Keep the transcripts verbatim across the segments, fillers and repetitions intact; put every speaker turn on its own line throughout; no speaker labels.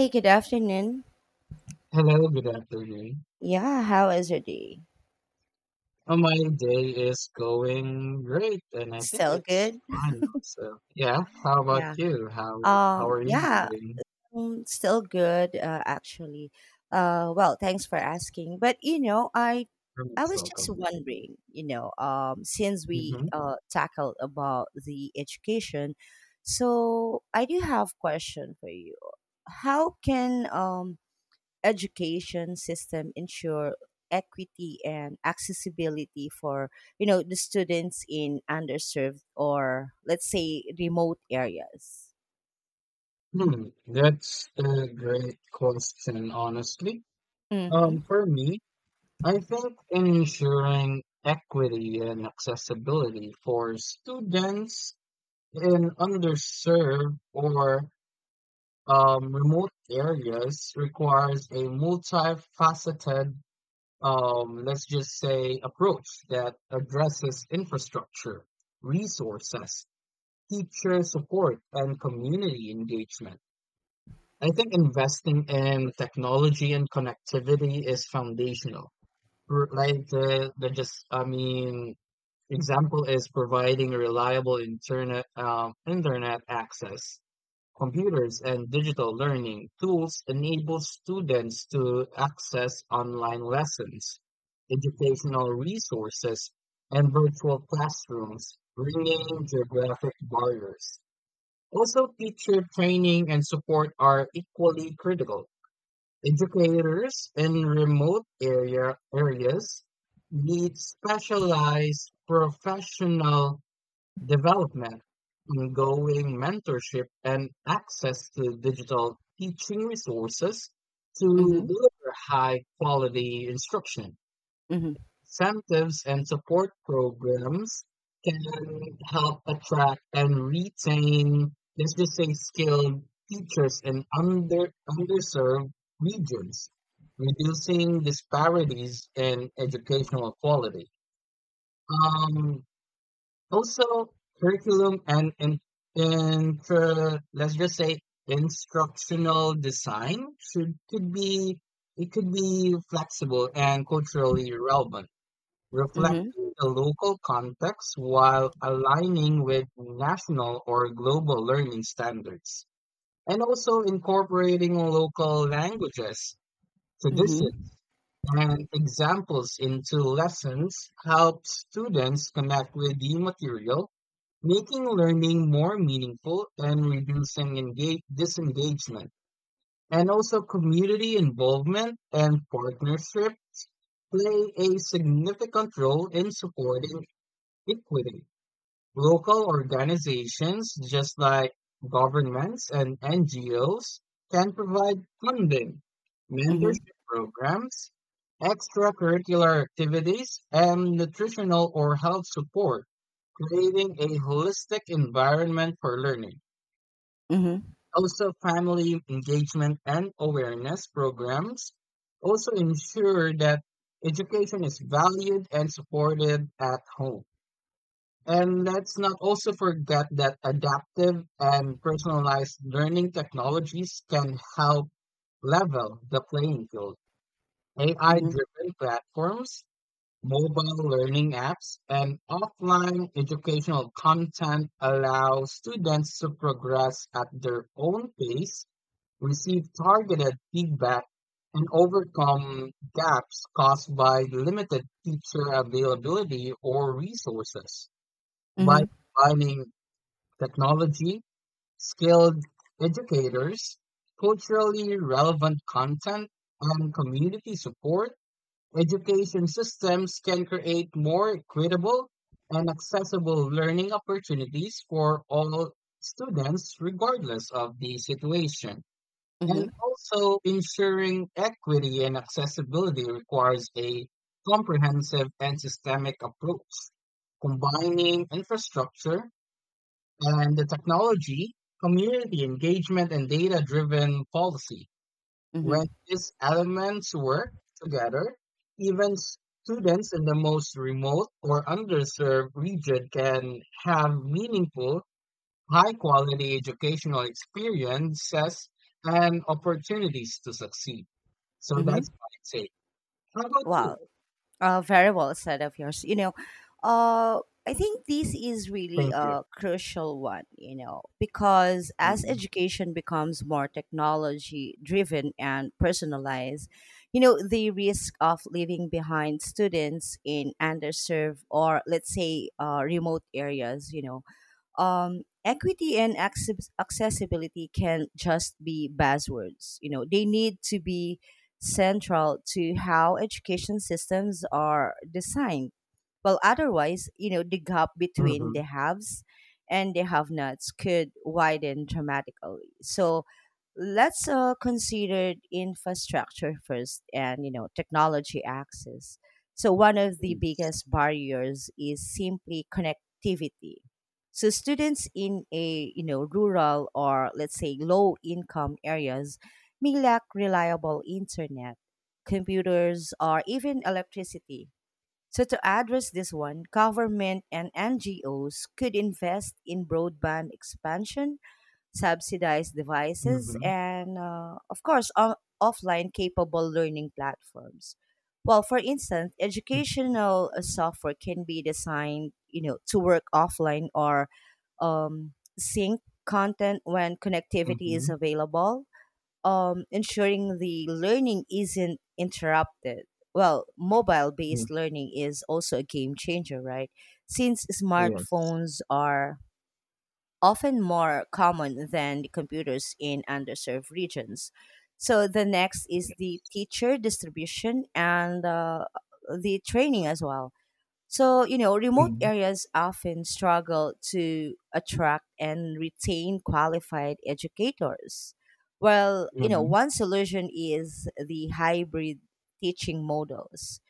Hey, good afternoon.
Hello, good afternoon.
Yeah, how is your day?
Oh, my day is going great, and I think
Still
it's
good?
fine. So, yeah, how about
Yeah.
you? How how
Um,
are you
yeah,
doing?
um, still good, uh, actually. Uh, well, thanks for asking. But you know, I
Very
I
much
was just
welcome.
wondering, you know, um, since we
Hmm
uh tackled about the education, so I do have question for you. How can um education system ensure equity and accessibility for you know the students in underserved or let's say remote areas.
Hmm, that's a great question, honestly. Um,
Mm-hmm
for me, I think ensuring equity and accessibility for students in underserved or um, remote areas requires a multifaceted um, let's just say, approach that addresses infrastructure, resources, teacher support, and community engagement. I think investing in technology and connectivity is foundational. R- Like the, the just, I mean, Example is providing reliable internet um, internet access. Computers and digital learning tools enable students to access online lessons, educational resources, and virtual classrooms, bringing geographic barriers. Also, teacher training and support are equally critical. Educators in remote area areas need specialized professional development, ongoing mentorship, and access to digital teaching resources to
mm-hmm
deliver high quality instruction.
mm-hmm
Incentives and support programs can help attract and retain, let's just say, skilled teachers in under, underserved regions, reducing disparities in educational quality. Um, Also, curriculum and in, intra, let's just say, instructional design should could be it could be flexible and culturally relevant,
mm-hmm
reflecting the local context while aligning with national or global learning standards, and also incorporating local languages,
mm-hmm
traditions, and examples into lessons help students connect with the material, making learning more meaningful and reducing engage- disengagement. And also, community involvement and partnership play a significant role in supporting equity. Local organizations, just like governments and N G Os, can provide funding, mentorship programs, extracurricular activities, and nutritional or health support, creating a holistic environment for learning.
mm-hmm
Also, family engagement and awareness programs also ensure that education is valued and supported at home. And let's not also forget that adaptive and personalized learning technologies can help level the playing field. A I
mm-hmm
driven platforms, mobile learning apps, and offline educational content allow students to progress at their own pace, receive targeted feedback, and overcome gaps caused by limited teacher availability or resources. By
mm-hmm
combining technology, skilled educators, culturally relevant content, and community support, education systems can create more equitable and accessible learning opportunities for all students, regardless of the situation. And
mm-hmm
also, ensuring equity and accessibility requires a comprehensive and systemic approach, combining infrastructure, and the technology, community engagement, and data driven policy.
mm-hmm
When these elements work together, even students in the most remote or underserved region can have meaningful, high quality educational experiences and opportunities to succeed. So
Mm-hmm.
that's what I'd say. How about you?
Wow. Uh, very well said of yours. You know, uh, I think this is really
Thank you.
a crucial one, you know, because as
Mm-hmm.
education becomes more technology driven and personalized, you know, the risk of leaving behind students in underserved or, let's say, uh, remote areas, you know, um, equity and access- accessibility can just be buzzwords. You know, they need to be central to how education systems are designed. Well, otherwise, you know, the gap between
Mm-hmm.
the haves and the have nots could widen dramatically. So let's uh, consider infrastructure first and, you know, technology access. So one of the
Yes.
biggest barriers is simply connectivity. So students in a, you know, rural or let's say low income areas may lack reliable internet, computers, or even electricity, so to address this one, government and N G Os could invest in broadband expansion, subsidize devices,
Mm-hmm.
and uh, of course, o- offline capable learning platforms. Well, for instance, educational uh, software can be designed, you know, to work offline or um, sync content when connectivity
Mm-hmm.
is available, um, ensuring the learning isn't interrupted. Well, mobile
Mm-hmm.
based learning is also a game changer, right? Since smartphones are often more common than the computers in underserved regions. So the next is the teacher distribution and uh, the training as well. So, you know, remote
Yes.
areas often struggle to attract and retain qualified educators. Well, you know,
Mhm,
one solution is the hybrid teaching models.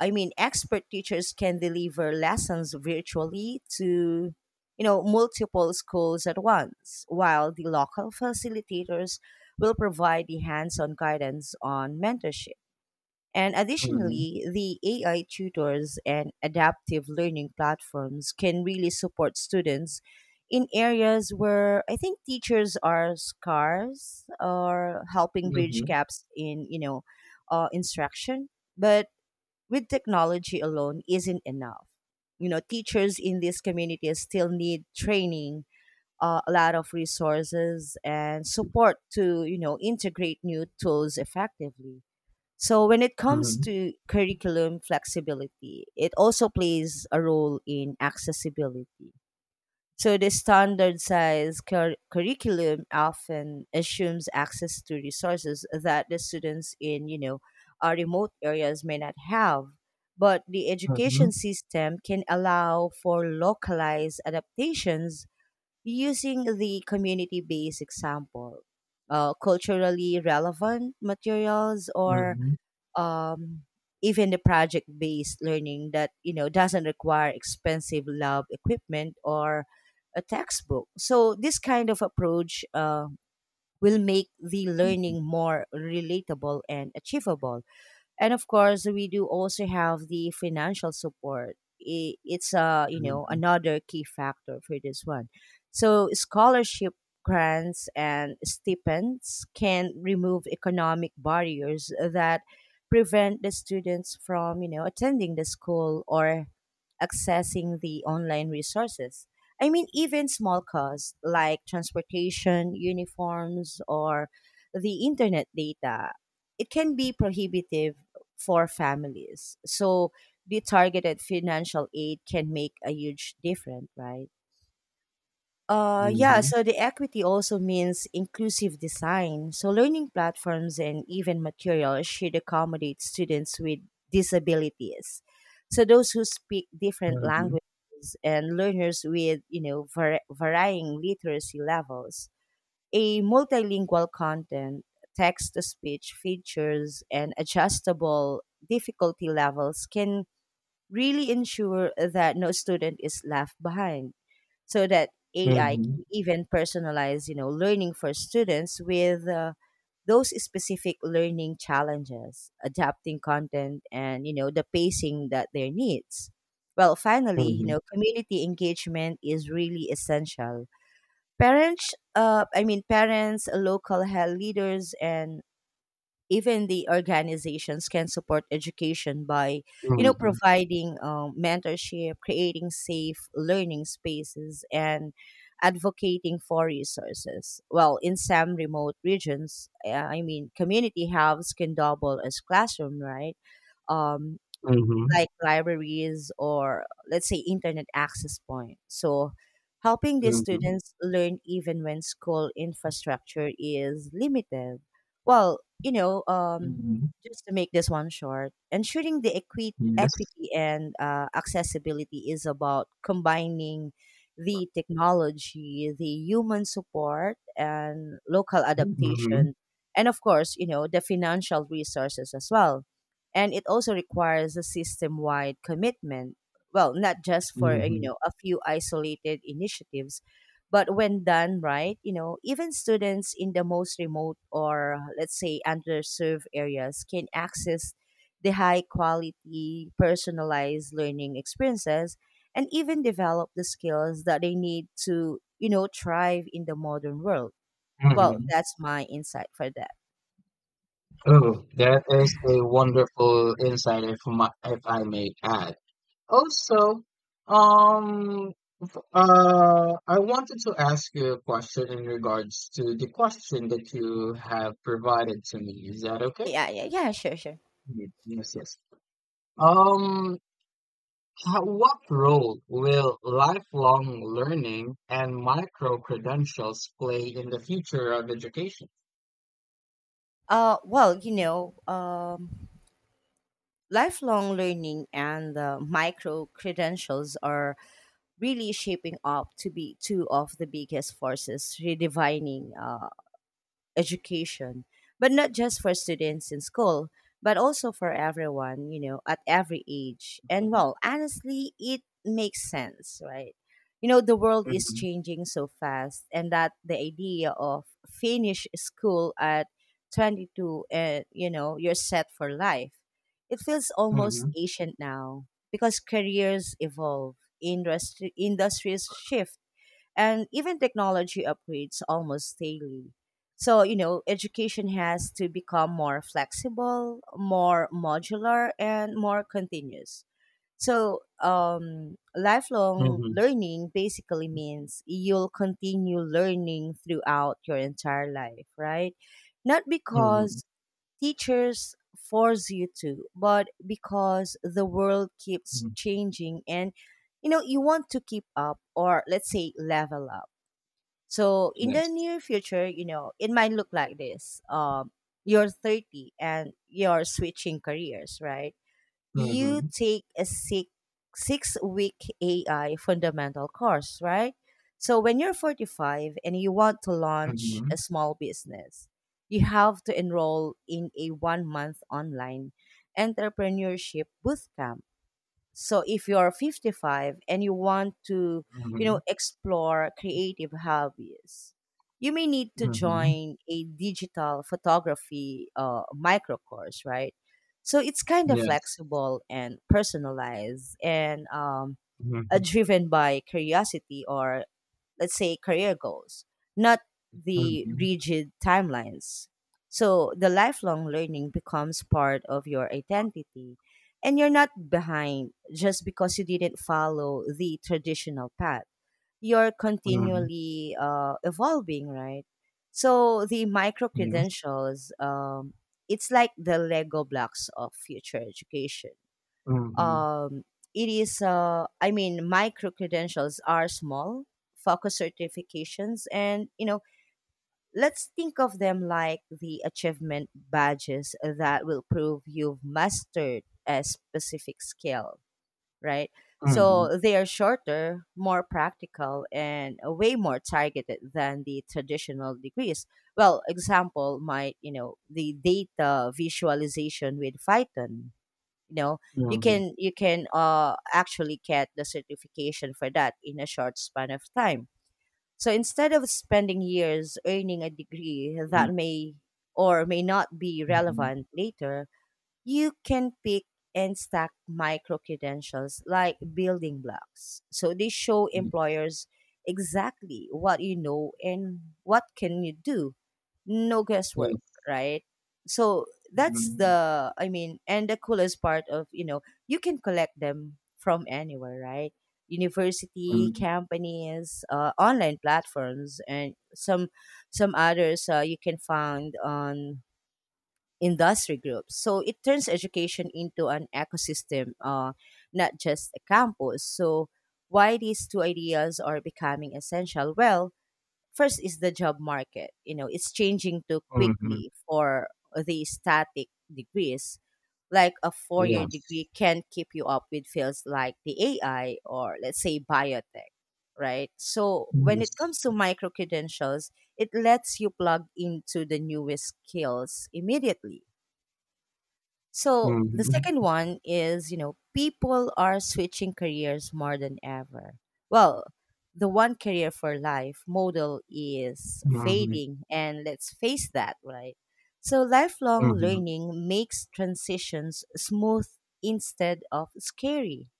I mean, expert teachers can deliver lessons virtually to, you know, multiple schools at once, while the local facilitators will provide the hands on guidance on mentorship. And
mhm,
additionally, the A I tutors and adaptive learning platforms can really support students in areas where I think teachers are scarce, or helping bridge
mhm,
gaps in, you know, uh, instruction. But with technology alone isn't enough. You know, teachers in these communities still need training, uh, a lot of resources and
mhm,
support to, you know, integrate new tools effectively. So when it comes
mhm,
to curriculum flexibility, it also plays a role in accessibility. So the standard size cur- curriculum often assumes access to resources that the students in, you know, uh, remote areas may not have. But the education
mhm,
system can allow for localized adaptations using the community-based example, uh, culturally relevant materials,
mhm,
or
mhm,
um, even the project based learning that you know doesn't require expensive lab equipment or a textbook. So this kind of approach uh, will make the learning more relatable and achievable. And of course we do also have the financial support. I- it's a, you know,
mhm,
another key factor for this one. So scholarship, grants and stipends can remove economic barriers that prevent the students from, you know, attending the school or accessing the online resources. I mean, even small costs like transportation, uniforms, or the internet data, it can be prohibitive for families. So the targeted financial aid can make a huge difference, right? Uh, yeah,
mhm,
so the equity also means inclusive design. So learning platforms and even materials should accommodate students with disabilities. So those who speak different
mhm,
languages and learners with, you know, var- varying literacy levels. A multilingual content, text to speech features and adjustable difficulty levels can really ensure that no student is left behind, so that A I
mhm,
can even personalize, you know, learning for students with uh, those specific learning challenges, adapting content and, you know, the pacing that their needs. Well, finally, you know, community engagement is really essential. Parents, uh, I mean, parents, local health leaders, and even the organizations can support education by, you know,
mhm,
providing um, mentorship, creating safe learning spaces, and advocating for resources. Well, in some remote regions, uh, I mean community hubs can double as classroom, right? um,
mhm,
like libraries or let's say internet access point. So helping these
mhm,
students learn even when school infrastructure is limited. Well, you know, um,
mhm.
just to make this one short, ensuring the equi-
Yes.
equity and uh, accessibility is about combining the technology, the human support, and local
hmm
adaptation, and of course, you know, the financial resources as well. And it also requires a system-wide commitment, well not just
hmm
for uh, you
hmm
know a few isolated initiatives, but when done right, you know, even students in the most remote or let's say underserved areas can access the high quality personalized learning experiences and even develop the skills that they need to, you know, thrive in the modern world. Well, that's my insight for that.
Oh, that is a wonderful insight, if my, if I may add. Also, um, uh, I wanted to ask you a question in regards to the question that you have provided to me. Is that okay?
Yeah, yeah, yeah, sure, sure.
Mm, yes, yes. Um, ho- what role will lifelong learning and micro credentials play in the future of education?
Uh, well, you know, um, Lifelong learning and the micro credentials are really shaping up to be two of the biggest forces redefining uh, education, but not just for students in school, but also for everyone, you know, at every age. And
Mm-hmm,
well, honestly, it makes sense, right? You know, the world is changing so fast, and that the idea of finish school at twenty-two and, you know, you're set for life, it feels almost
mm-hmm,
ancient now because careers evolve, industry, industries shift and even technology upgrades almost daily. So, you know, education has to become more flexible, more modular, and more continuous. So, um, lifelong
mm-hmm,
learning basically means you'll continue learning throughout your entire life, right? Not
mm-hmm,
because teachers force you to, but because the world keeps changing and you know you want to keep up or let's say level up. So in the
yes.
near future, you know, it might look like this. Um, you're thirty and you're switching careers, right? You
Mm-hmm,
take a six six week A I fundamental course, right? So when you're forty-five and you want to launch
mm-hmm,
a small business, you have to enroll in a one month online entrepreneurship bootcamp. So if you're fifty-five and you want to, you
mm-hmm,
know, explore creative hobbies, you may need to
mm-hmm,
join a digital photography uh, micro course, right? So it's kind of
yes.
flexible and personalized, and um, uh,
Mm-hmm,
driven by curiosity or, let's say, career goals, not the
mm-hmm,
rigid timelines. So the lifelong learning becomes part of your identity, and you're not behind just because you didn't follow the traditional path. You're
mm-hmm,
continually uh, evolving, right? So the micro
yes.
credentials, um, it's like the Lego blocks of future education.
Mm-hmm,
Um, it is uh, I mean Micro credentials are small focus certifications, and you know let's think of them like the achievement badges that will prove you've mastered a specific skill, right?
mm-hmm,
So they are shorter, more practical and way more targeted than the traditional degrees. Well, example might, you know, the data visualization with python. You know, you
mm-hmm,
can you can uh actually get the certification for that in a short span of time. So instead of spending years earning a degree
mm-hmm,
that may or may not be relevant later, you can pick and stack micro credentials like building blocks, so they show
yes.
employers exactly what you know and what can you do. No guesswork, right? So that's the, I mean, And the coolest part of, you know, you can collect them from anywhere, right? University,
Mm-hmm,
companies, uh, online platforms, and some some others uh, you can find on industry groups. So it turns education into an ecosystem, uh, not just a campus. So why these two ideas are becoming essential? Well, first is the job market. You know, it's changing too
mm-hmm,
quickly for the static degrees. Like a four year
yes.
degree can't keep you up with fields like the A I or let's say biotech, right? So when it
Yes.
comes to micro credentials, it lets you plug into the newest skills immediately. So the
Mhm.
second one is, you know, people are switching careers more than ever. Well, the one career for life model is
Mhm.
fading, and let's face that, right? So lifelong
Mhm.
learning makes transitions smooth instead of scary.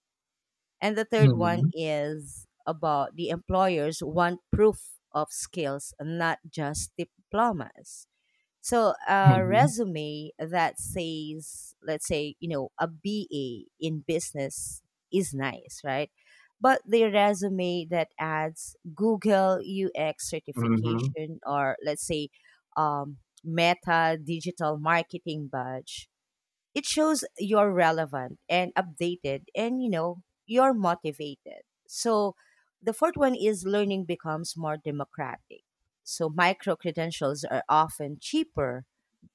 And the third one
Mhm.
is about the employers want proof of skills, not just diplomas. So a
Mhm.
resume that says, let's say, you know, a B A in business is nice, right? But the resume that adds Google U X
Mhm.
certification or let's say um, Meta digital marketing badge, it shows you're relevant and updated and, you know, you're motivated. So the fourth one is learning becomes more democratic. So micro credentials are often cheaper,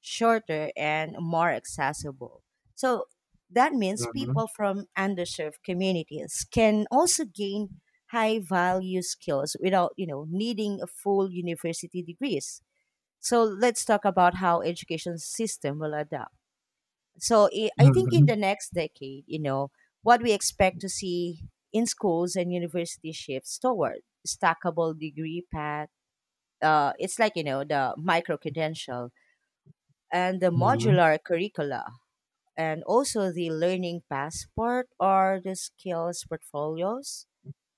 shorter, and more accessible. So that means
Mhm.
people from underserved communities can also gain high value skills without you know needing a full university degrees. So let's talk about how education system will adapt. So i I think in the
Mhm.
next decade, you know, what we expect to see in schools and universities shifts toward stackable degree path. Uh, it's like you know the micro credential and the
Mhm.
modular curricula, and also the learning passport or the skills portfolios,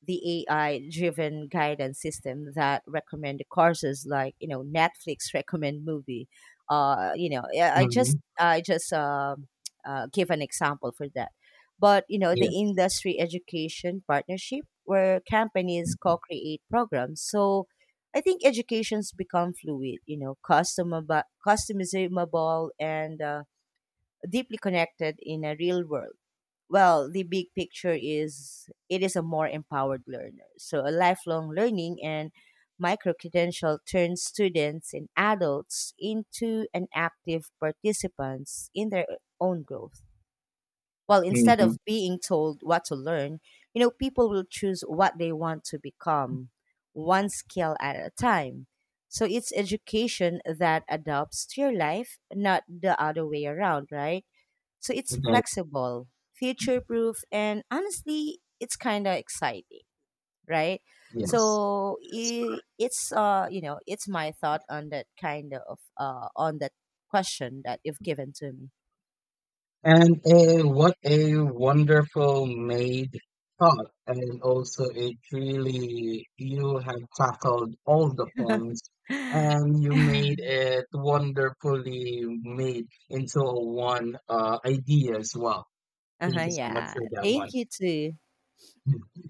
the A I driven guidance system that recommend the courses like you know Netflix recommend movie. Uh, you know, yeah, I just
Mhm.
I just uh, uh, give an example for that. But you know, the
Yes.
industry education partnership where companies co-create programs. So I think educations become fluid. You know, customizable, customizable, and uh, deeply connected in a real world. Well, the big picture is it is a more empowered learner. So a lifelong learning and micro credential turns students and adults into an active participants in their own growth. Well, instead of
Mhm.
being told what to learn, you know, people will choose what they want to become, one skill at a time. So it's education that adapts to your life, not the other way around, right? So it's
That
flexible, future proof, and honestly, it's kind of exciting, right?
is, yes.
So
That is
i-
correct.
it's uh you know it's my thought on that kind of uh on that question that you've given to me.
And uh, what a wonderful made thought. And also, it really, you have tackled all the points and you made it wonderfully made into a one uh, idea as well.
Uh-huh,
Thank you so much
yeah,
for that one.
thank you too.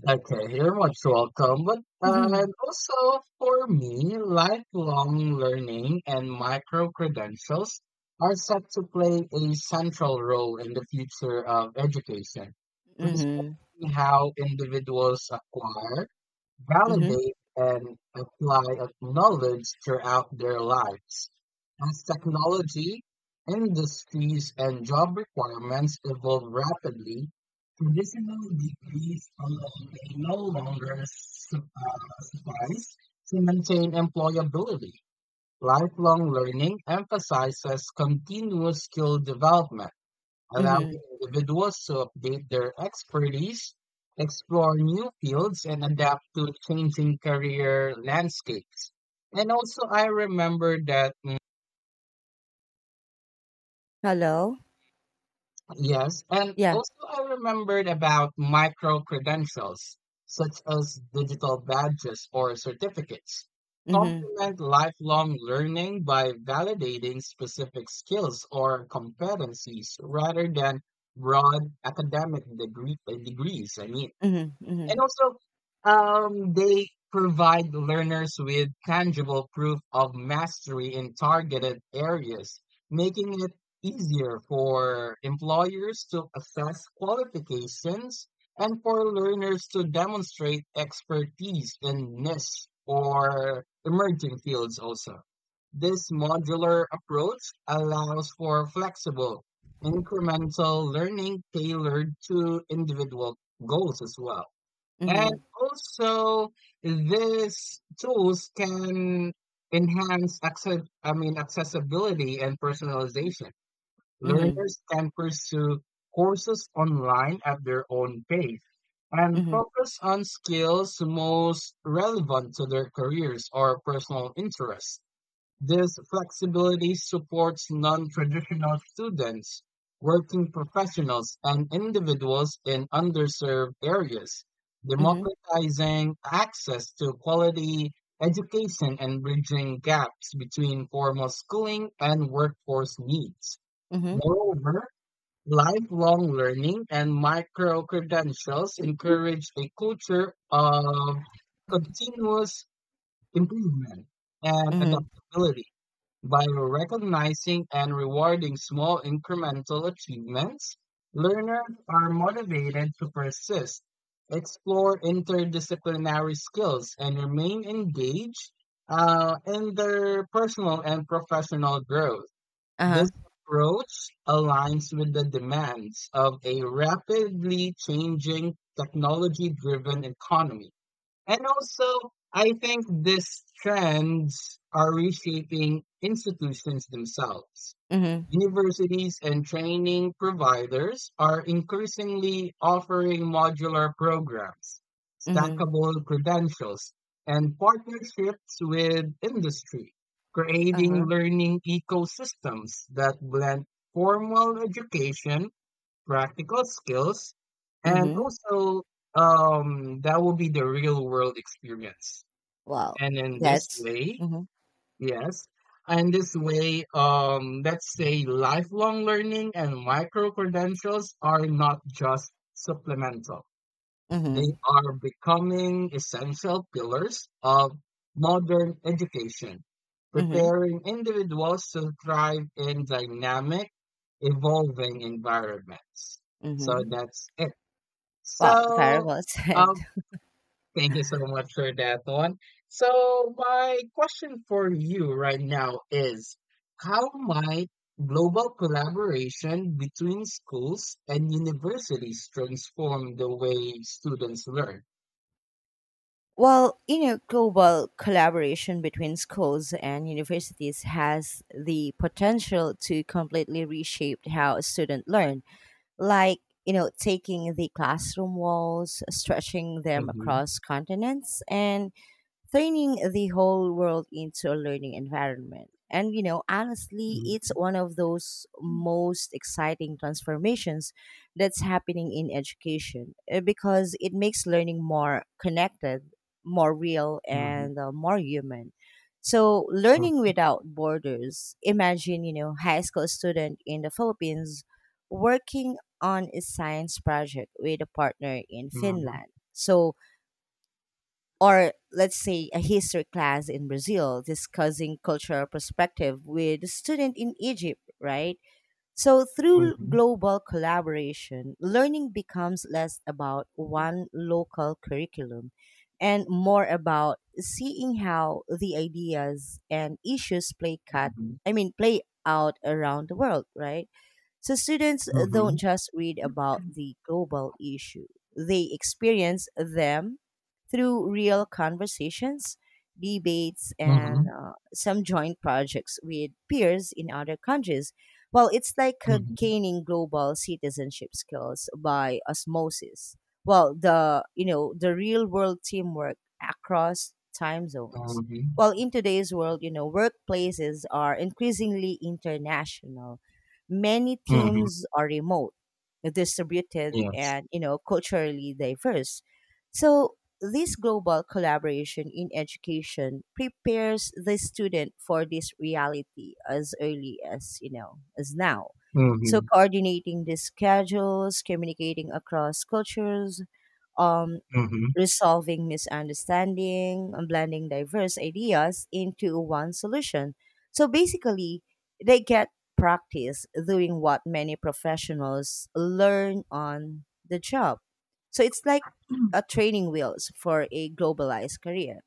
Okay, you're most welcome. But uh,
Mhm,
and also for me, lifelong learning and micro credentials are set to play a central role in the future of education,
mhm,
transforming how individuals acquire,
mhm,
validate, and apply a knowledge throughout their lives. As technology, industries, and job requirements evolve rapidly, traditional degrees alone may no longer su- uh, suffice to maintain employability. Lifelong learning emphasizes continuous skill development, allowing
mhm.
individuals to update their expertise, explore new fields, and adapt to changing career landscapes. And also, I remember that, mm,
Hello,
yes, and
yeah.
also I remembered about micro credentials, such as digital badges or certificates,
Mhm,
complement lifelong learning by validating specific skills or competencies rather than broad academic degree, degrees, I mean.
mhm, mhm,
And also, um, they provide learners with tangible proof of mastery in targeted areas, making it easier for employers to assess qualifications and for learners to demonstrate expertise in niche or emerging fields also. This modular approach allows for flexible, incremental learning tailored to individual goals as well. And
mhm,
also, these tools can enhance access, I mean, accessibility and personalization.
mhm,
Learners can pursue courses online at their own pace and
mhm,
focus on skills most relevant to their careers or personal interests. This flexibility supports non-traditional students, working professionals, and individuals in underserved areas,
mhm,
democratizing access to quality education and bridging gaps between formal schooling and workforce needs.
mhm,
Moreover, lifelong learning and micro-credentials encourage a culture of continuous improvement and
mhm.
adaptability. By recognizing and rewarding small incremental achievements, learners are motivated to persist, explore interdisciplinary skills, and remain engaged uh, in their personal and professional growth.
Uh
This
huh.
approach aligns with the demands of a rapidly changing technology driven economy, and also, I think these trends are reshaping institutions themselves.
Mhm,
Universities and training providers are increasingly offering modular programs,
mhm,
stackable credentials, and partnerships with industry,
uh
creating
huh.
learning ecosystems that blend formal education, practical skills,
Uh huh.
and
Mhm.
also um that will be the real world experience.
Wow,
And in this
that's
way,
mhm,
yes, and this way, um, let's say, lifelong learning and micro credentials are not just supplemental, they
mhm,
are becoming essential pillars of modern education,
mhm,
preparing individuals to thrive in dynamic, evolving environments. So
mhm.
that's it.
Wow, very
So,
well said.
um, thank you so much for that one. So, my question for you right now is, how might global collaboration between schools and universities transform the way students learn?
Well, you know, global collaboration between schools and universities has the potential to completely reshape how students learn, like, you know, taking the classroom walls, stretching them
Mhm,
across continents, and turning the whole world into a learning environment. And you know, honestly, it's
mhm,
one of those most exciting transformations that's happening in education, uh, because it makes learning more connected, more real,
mhm,
and uh, more human. So, learning
mhm,
without borders. Imagine, you know, high school student in the Philippines working on a science project with a partner in
mhm,
Finland. So, or let's say a history class in Brazil discussing cultural perspective with a student in Egypt, right? So
mhm,
through
mhm,
global collaboration, learning becomes less about one local curriculum and more about seeing how the ideas and issues play cut I mean play out around the world, right? So students don't
mhm,
just read about the global issue, they experience them through real conversations, debates, and
mhm,
uh, some joint projects with peers in other countries. Well, it's like uh,
mhm,
gaining global citizenship skills by osmosis. Well, the you know the real world teamwork across time zones.
mhm,
Well, in today's world, you know, workplaces are increasingly international. Many
mhm.
teams are remote, distributed,
Yes.
and you know culturally diverse. So this global collaboration in education prepares the student for this reality as early as you know as now. So
Mhm,
coordinating the schedules, communicating across cultures, um,
mhm,
resolving misunderstanding and blending diverse ideas into one solution. So basically, they get practice doing what many professionals learn on the job. So it's like a training wheels for a globalized career.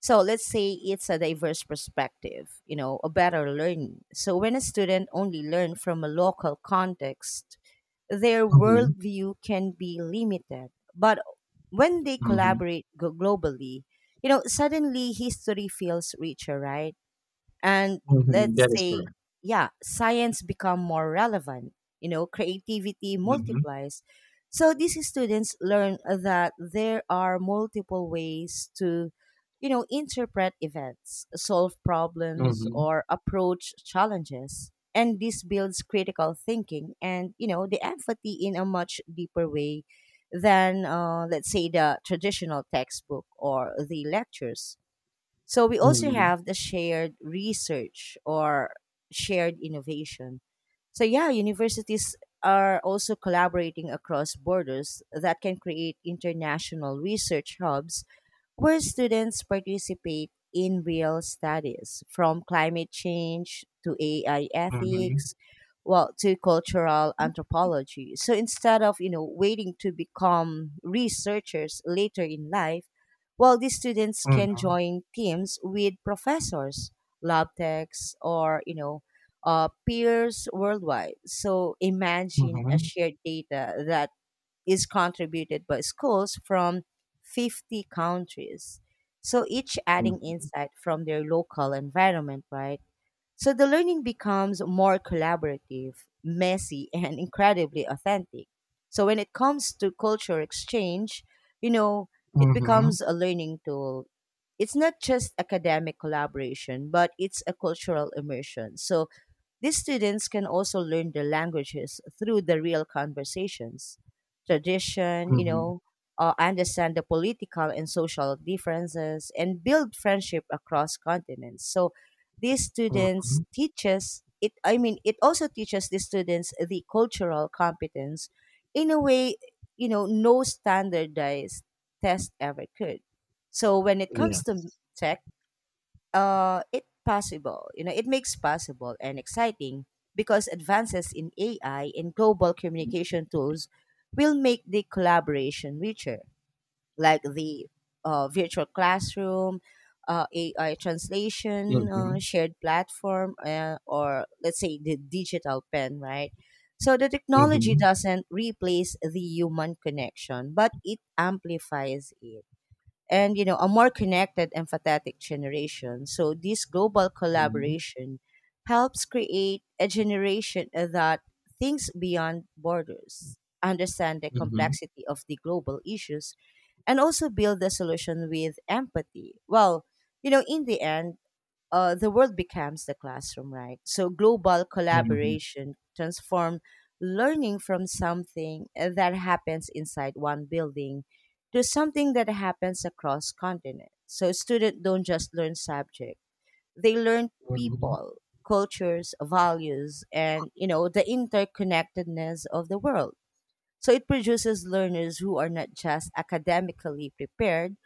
So let's say it's a diverse perspective, you know, a better learning. So when a student only learn from a local context, their
mhm,
worldview can be limited. But when they
mhm,
collaborate go- globally, you know, suddenly history feels richer, right? And
mhm.
let's
That is
say
correct.
yeah science become more relevant, you know creativity
Mhm,
multiplies. So these students learn that there are multiple ways to you know interpret events, solve problems
mhm,
or approach challenges, and this builds critical thinking and you know the empathy in a much deeper way than uh, let's say the traditional textbook or the lectures. So we
mhm,
also
mhm,
have the shared research or shared innovation. So yeah, universities are also collaborating across borders that can create international research hubs where students participate in real studies from climate change to A I
mhm,
ethics, well, to cultural anthropology. So instead of, you know, waiting to become researchers later in life, well, these students can
mhm,
join teams with professors, lab techs, or, you know, uh, peers worldwide. So imagine a shared data that is contributed by schools from fifty countries. So each adding
mhm,
insight from their local environment, right? So the learning becomes more collaborative, messy, and incredibly authentic. So when it comes to culture exchange, you know, it becomes a learning tool. It's not just academic collaboration, but it's a cultural immersion. So these students can also learn the languages through the real conversations, tradition, you
mhm,
know, uh, understand the political and social differences, and build friendship across continents. So these students
mhm.
teaches it. I mean, it also teaches the students the cultural competence in a way you know no standardized test ever could. So when it comes to
Yes.
tech, uh, it possible. You know, it makes possible and exciting because advances in A I and global communication tools will make the collaboration richer, like the uh, virtual classroom, uh, A I translation, uh,
Mm-hmm.
shared platform, uh, or let's say the digital pen, right? So the technology
Mm-hmm.
doesn't replace the human connection, but it amplifies it, and you know a more connected empathetic generation. So this global
Mm-hmm.
collaboration helps create a generation that thinks beyond borders, understand the
Mm-hmm.
complexity of the global issues, and also build the solution with empathy. Well, you know, in the end, uh, the world becomes the classroom, right? So global
Mm-hmm.
collaboration transform learning from something that happens inside one building to something that happens across continents. So students don't just learn subject; they learn
Mm-hmm.
people, cultures, values, and you know the interconnectedness of the world. So it produces learners who are not just academically prepared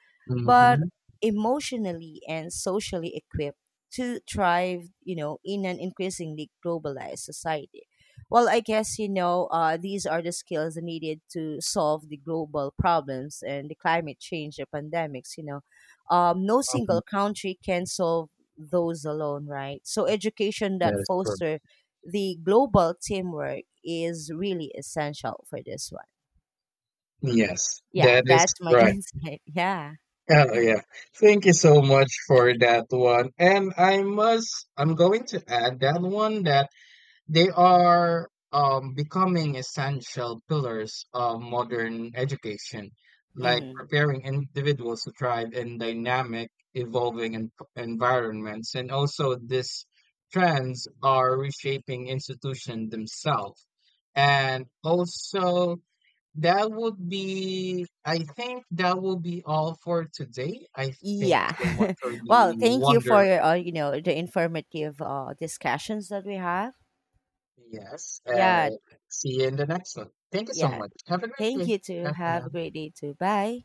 but
Mm-hmm.
emotionally and socially equipped to thrive, you know, in an increasingly globalized society. Well, I guess, you know, uh, these are the skills needed to solve the global problems and the climate change, the pandemics, you know. Um, no single
Mm-hmm.
country can solve those alone, right? So education
That
that
is correct.
foster the global teamwork is really essential for this one.
Yes,
Yeah,
that is
that's my
correct.
insight. Yeah.
Oh yeah. Thank you so much for that one. And I must I'm going to add that one that they are um becoming essential pillars of modern education, like
Hmm.
preparing individuals to thrive in dynamic, evolving en- environments. And also these trends are reshaping institutions themselves. And also that would be, I think that will be all for today. I thank you so much
Yeah.
for
Well,
the
thank you for
wonderful,
your, uh, you know the informative uh, discussions that we have.
yes. Uh,
Yeah.
see you in the next one. Thank you so
Yeah.
much. Have a great
Thank
day.
you too.
Bye for
Have
now.
a great day too. Bye.